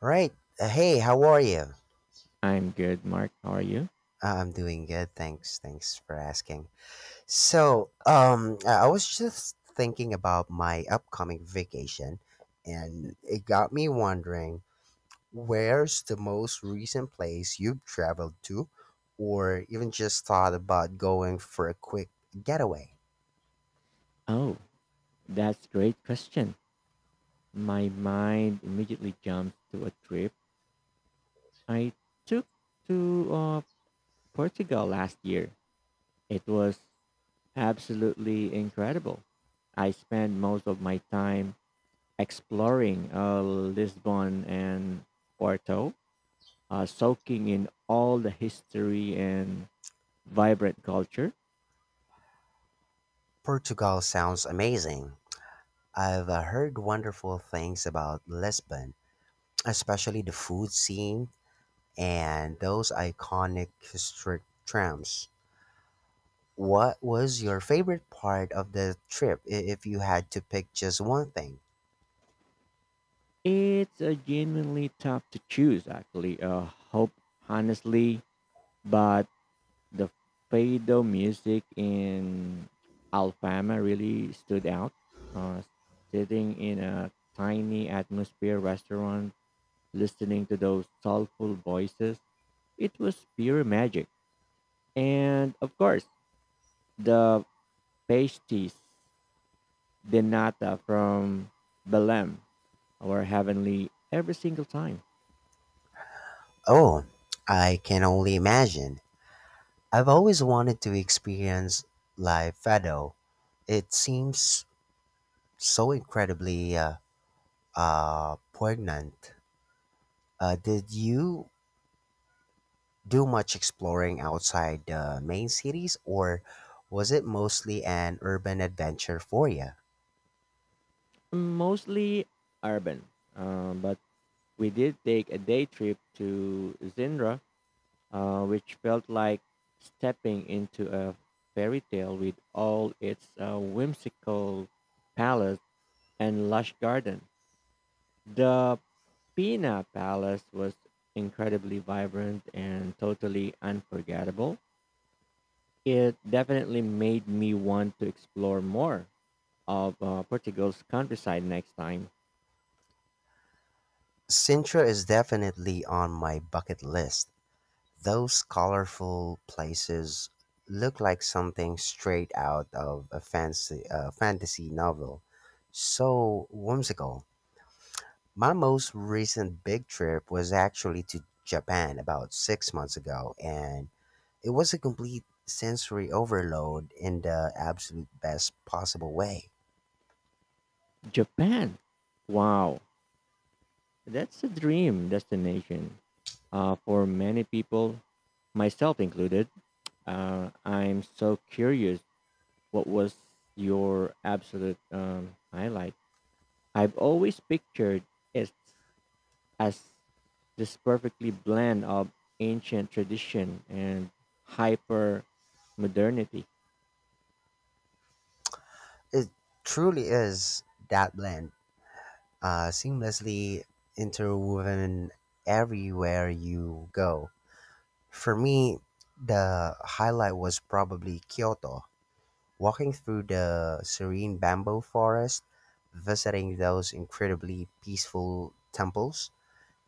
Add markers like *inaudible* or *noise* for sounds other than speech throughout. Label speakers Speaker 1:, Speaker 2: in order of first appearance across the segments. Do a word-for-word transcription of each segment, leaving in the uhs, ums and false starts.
Speaker 1: Right. Uh, hey, how are you?
Speaker 2: I'm good, Mark. How are you?
Speaker 1: Uh, I'm doing good. Thanks. Thanks for asking. So, um, I I was just thinking about my upcoming vacation, and it got me wondering where's the most recent place you've traveled to, or even just thought about going for a quick getaway?
Speaker 2: Oh, that's a great question. My mind immediately jumps to a trip I took to uh, Portugal last year. It was absolutely incredible. I spent most of my time exploring uh, Lisbon and Porto, uh, soaking in all the history and vibrant culture.
Speaker 1: Portugal sounds amazing. I've uh, heard wonderful things about Lisbon, especially the food scene and those iconic historic trams. What was your favorite part of the trip i- if you had to pick just one thing?
Speaker 2: It's uh, genuinely tough to choose, actually. Uh, hope, Honestly, but the Fado music in Alfama really stood out. Uh, Sitting in a tiny atmosphere restaurant, listening to those soulful voices, it was pure magic. And of course, the pasties de nata from Belém were heavenly every single time.
Speaker 1: Oh, I can only imagine. I've always wanted to experience live fado. It seems so incredibly uh, uh, poignant. Uh, did you do much exploring outside the main cities, or was it mostly an urban adventure for you?
Speaker 2: Mostly urban, um, but we did take a day trip to Zindra uh, which felt like stepping into a fairy tale with all its uh, whimsical palace and lush garden. The Pina Palace was incredibly vibrant and totally unforgettable. It definitely made me want to explore more of uh, Portugal's countryside next time.
Speaker 1: Sintra is definitely on my bucket list. Those colorful places look like something straight out of a fancy uh, fantasy novel. So whimsical. My most recent big trip was actually to Japan about six months ago, and it was a complete sensory overload in the absolute best possible way.
Speaker 2: Japan! Wow, that's a dream destination uh, for many people, myself included. Uh, I'm so curious. What was your absolute um, highlight? I've always pictured it as this perfectly blend of ancient tradition and hyper modernity.
Speaker 1: It truly is that blend uh, seamlessly interwoven everywhere you go. For me, the highlight was probably Kyoto. Walking through the serene bamboo forest, visiting those incredibly peaceful temples,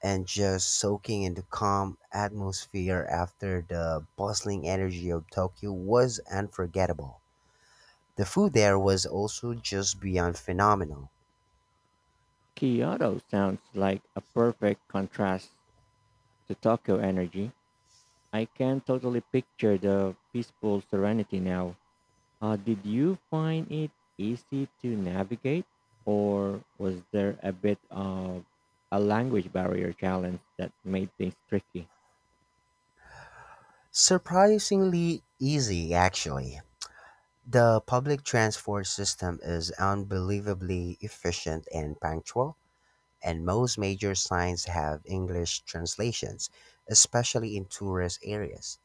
Speaker 1: and just soaking in the calm atmosphere after the bustling energy of Tokyo was unforgettable. The food there was also just beyond phenomenal.
Speaker 2: Kyoto sounds like a perfect contrast to Tokyo energy. I can totally picture the peaceful serenity now. Uh, did you find it easy to navigate, or was there a bit of a language barrier challenge that made things tricky?
Speaker 1: Surprisingly easy, actually. The public transport system is unbelievably efficient and punctual, and most major signs have English translations, especially in tourist areas.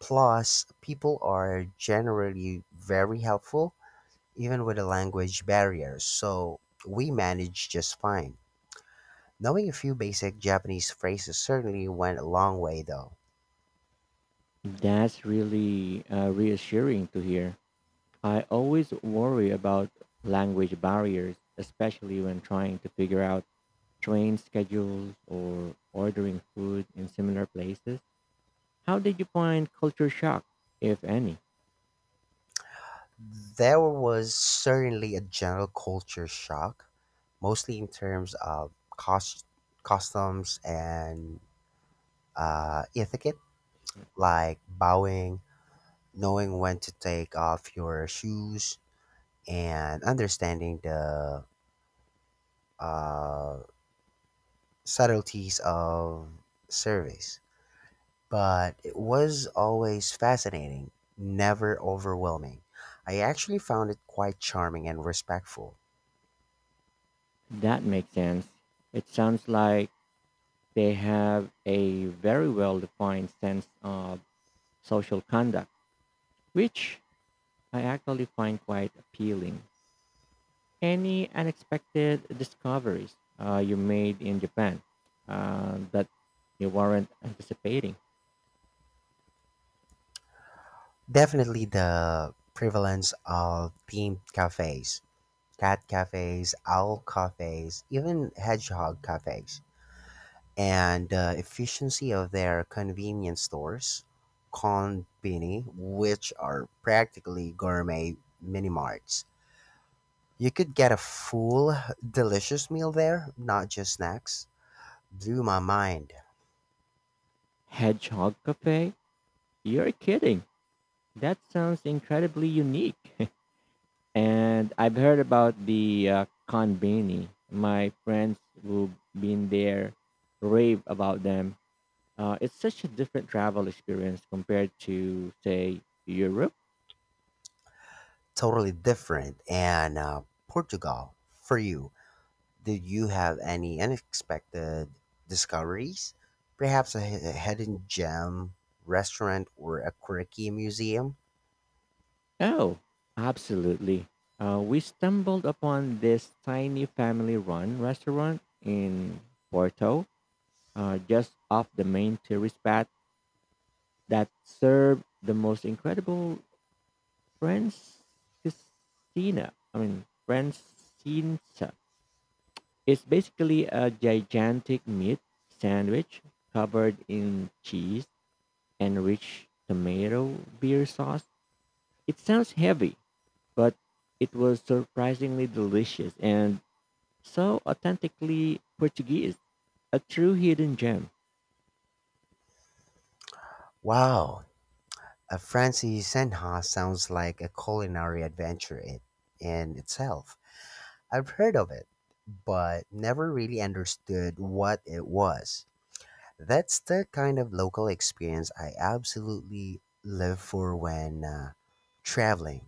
Speaker 1: Plus, people are generally very helpful, even with a language barrier, so we manage just fine. Knowing a few basic Japanese phrases certainly went a long way, though
Speaker 2: That's really uh, reassuring to hear. I always worry about language barriers, especially when trying to figure out train schedules or ordering food in similar places. How did you find culture shock, if any?
Speaker 1: there was certainly a general culture shock mostly in terms of cost, customs, and uh, etiquette, like bowing, knowing when to take off your shoes, and understanding the uh, subtleties of service. But it was always fascinating, never overwhelming. I actually found it quite charming and respectful.
Speaker 2: That makes sense. It sounds like they have a very well defined sense of social conduct, which I actually find quite appealing. Any unexpected discoveries uh, you made in Japan uh, that you weren't anticipating?
Speaker 1: Definitely the prevalence of themed cafes, cat cafes, owl cafes, even hedgehog cafes, and the efficiency of their convenience stores, konbini, which are practically gourmet mini marts. You could get a full, delicious meal there, not just snacks. Blew my mind.
Speaker 2: Hedgehog Cafe? You're kidding. That sounds incredibly unique. *laughs* And I've heard about the uh, Kanbini. My friends who've been there rave about them. Uh, it's such a different travel experience compared to, say, Europe.
Speaker 1: Totally different. And uh, Portugal for you. Did you have any unexpected discoveries? Perhaps a hi- a hidden gem, restaurant, or a quirky museum?
Speaker 2: Oh, absolutely. Uh, we stumbled upon this tiny family run restaurant in Porto, uh, just off the main tourist path, that served the most incredible French cuisine. I mean, French cinza. It's basically a gigantic meat sandwich covered in cheese and rich tomato beer sauce. It sounds heavy, but it was surprisingly delicious and so authentically Portuguese. A true hidden gem.
Speaker 1: Wow, a Francis Senha sounds like a culinary adventure it, in itself. I've heard of it, but never really understood what it was. That's the kind of local experience I absolutely live for when uh, traveling.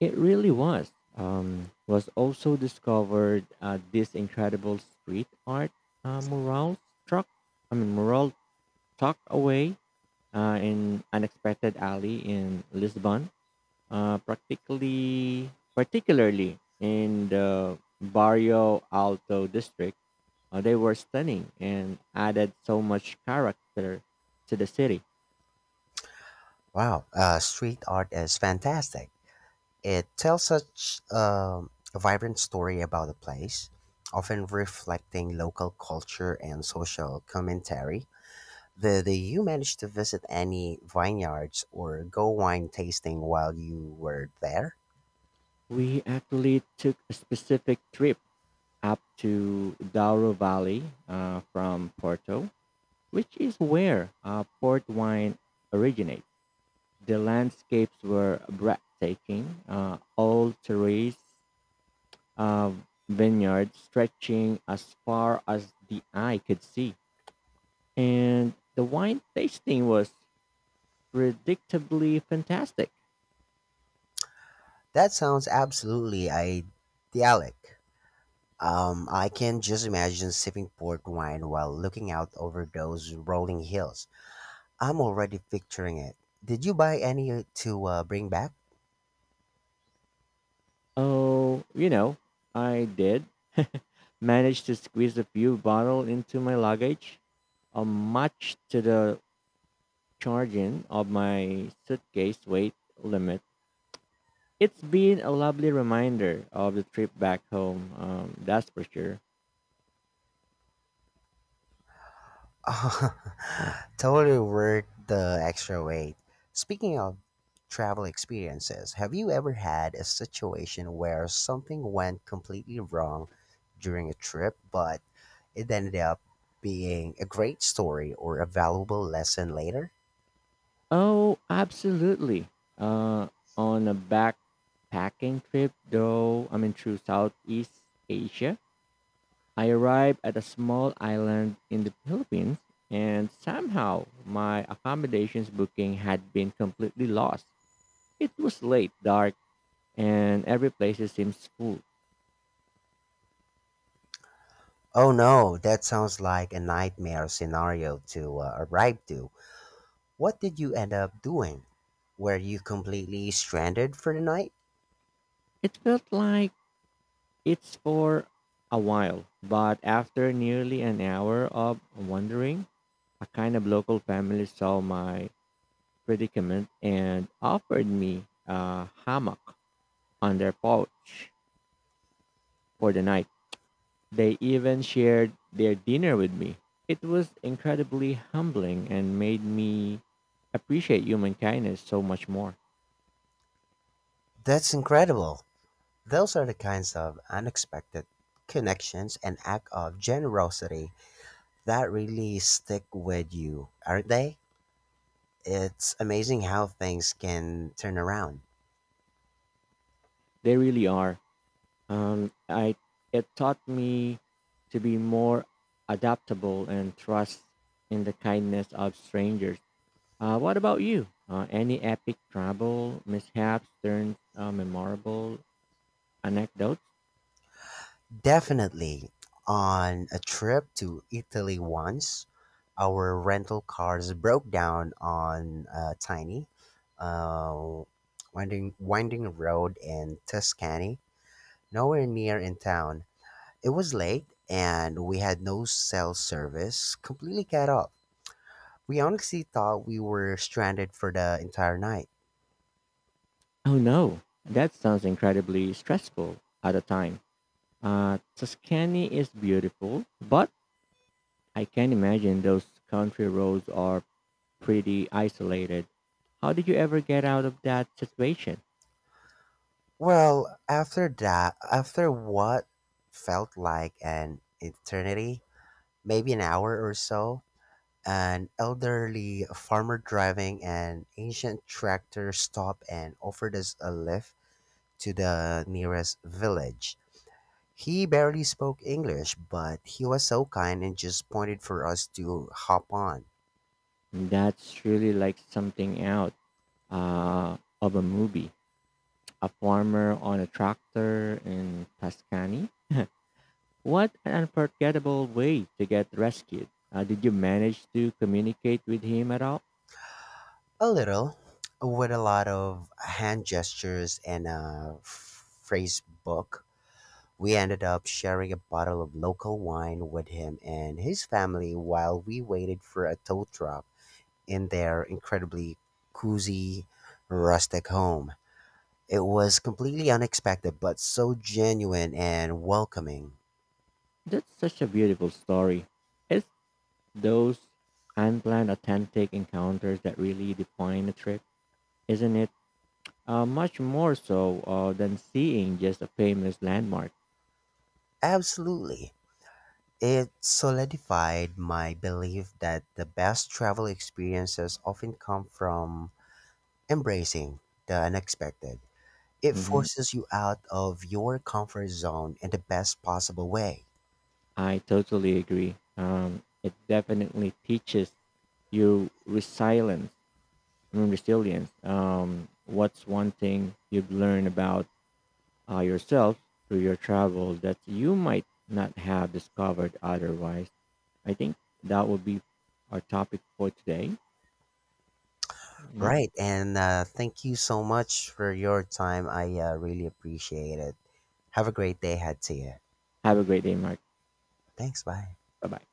Speaker 2: It really was. Um, was also discovered uh, this incredible street art uh, mural struck. I mean, mural tucked away uh, in unexpected alley in Lisbon uh, practically particularly in the Barrio Alto district. Uh, they were stunning and added so much character to the city.
Speaker 1: Wow, uh, street art is fantastic. It tells such um, a vibrant story about the place, often reflecting local culture and social commentary. Did you manage to visit any vineyards or go wine tasting while you were there?
Speaker 2: We actually took a specific trip up to Douro Valley uh, from Porto, which is where uh, port wine originates. The landscapes were breathtaking, uh, all terrace a vineyard stretching as far as the eye could see. And the wine tasting was predictably fantastic.
Speaker 1: That sounds absolutely idyllic. Um, I can just imagine sipping port wine while looking out over those rolling hills. I'm already picturing it. Did you buy any to uh, bring back?
Speaker 2: Oh, you know, I did *laughs* manage to squeeze a few bottles into my luggage, uh, much to the charging of my suitcase weight limit. It's been a lovely reminder of the trip back home, um, that's for sure.
Speaker 1: *laughs* Totally worth the extra weight. Speaking of travel experiences, have you ever had a situation where something went completely wrong during a trip, but it ended up being a great story or a valuable lesson later?
Speaker 2: Oh, absolutely. Uh, on a back packing trip though I mean through Southeast Asia. I arrived at a small island in the Philippines and somehow my accommodations booking had been completely lost. It was late, dark, and every place seems full.
Speaker 1: Oh no, that sounds like a nightmare scenario to uh, arrive to. What did you end up doing? Were you completely stranded for the night?
Speaker 2: It felt like it's for a while, but after nearly an hour of wandering, a kind of local family saw my predicament and offered me a hammock on their porch for the night. They even shared their dinner with me. It was incredibly humbling and made me appreciate human kindness so much more.
Speaker 1: That's incredible. Those are the kinds of unexpected connections and act of generosity that really stick with you, aren't they? It's amazing how things can turn around.
Speaker 2: They really are. Um, I it taught me to be more adaptable and trust in the kindness of strangers. Uh, what about you? Uh, any epic travel mishaps turned uh, memorable anecdotes?
Speaker 1: Definitely on a trip to Italy once, our rental cars broke down on a tiny uh, winding winding road in Tuscany, nowhere near in town. It was late and we had no cell service, completely cut off. We honestly thought we were stranded for the entire night.
Speaker 2: Oh no, that sounds incredibly stressful at a time. Uh, Tuscany is beautiful, but I can imagine those country roads are pretty isolated. How did you ever get out of that situation?
Speaker 1: Well, after that, after what felt like an eternity, maybe an hour or so, an elderly farmer driving an ancient tractor stopped and offered us a lift to the nearest village. He barely spoke English, but he was so kind and just pointed for us to hop on.
Speaker 2: That's really like something out uh, of a movie. A farmer on a tractor in Tuscany. What an unforgettable way to get rescued. Uh, did you manage to communicate with him at all?
Speaker 1: A little, with a lot of hand gestures and a phrase book. We ended up sharing a bottle of local wine with him and his family while we waited for a tow truck in their incredibly cozy, rustic home. It was completely unexpected, but so genuine and welcoming.
Speaker 2: That's such a beautiful story. It's those unplanned authentic encounters that really define a trip, isn't it? Uh, much more so uh, than seeing just a famous landmark.
Speaker 1: Absolutely. It solidified my belief that the best travel experiences often come from embracing the unexpected. It
Speaker 2: Hmm,
Speaker 1: forces you out of your comfort zone in the best possible way.
Speaker 2: I totally agree. Um, it definitely teaches you resilience. I mean, resilience. Um, what's one thing you've learned about uh, yourself through your travel that you might not have discovered otherwise? I think that will be our topic for today. Mark,
Speaker 1: Right, and uh, thank you so much for your time. I uh, really appreciate it. Have a great day, ahead to you.
Speaker 2: have a great day, Mark.
Speaker 1: Thanks, bye.
Speaker 2: Bye bye.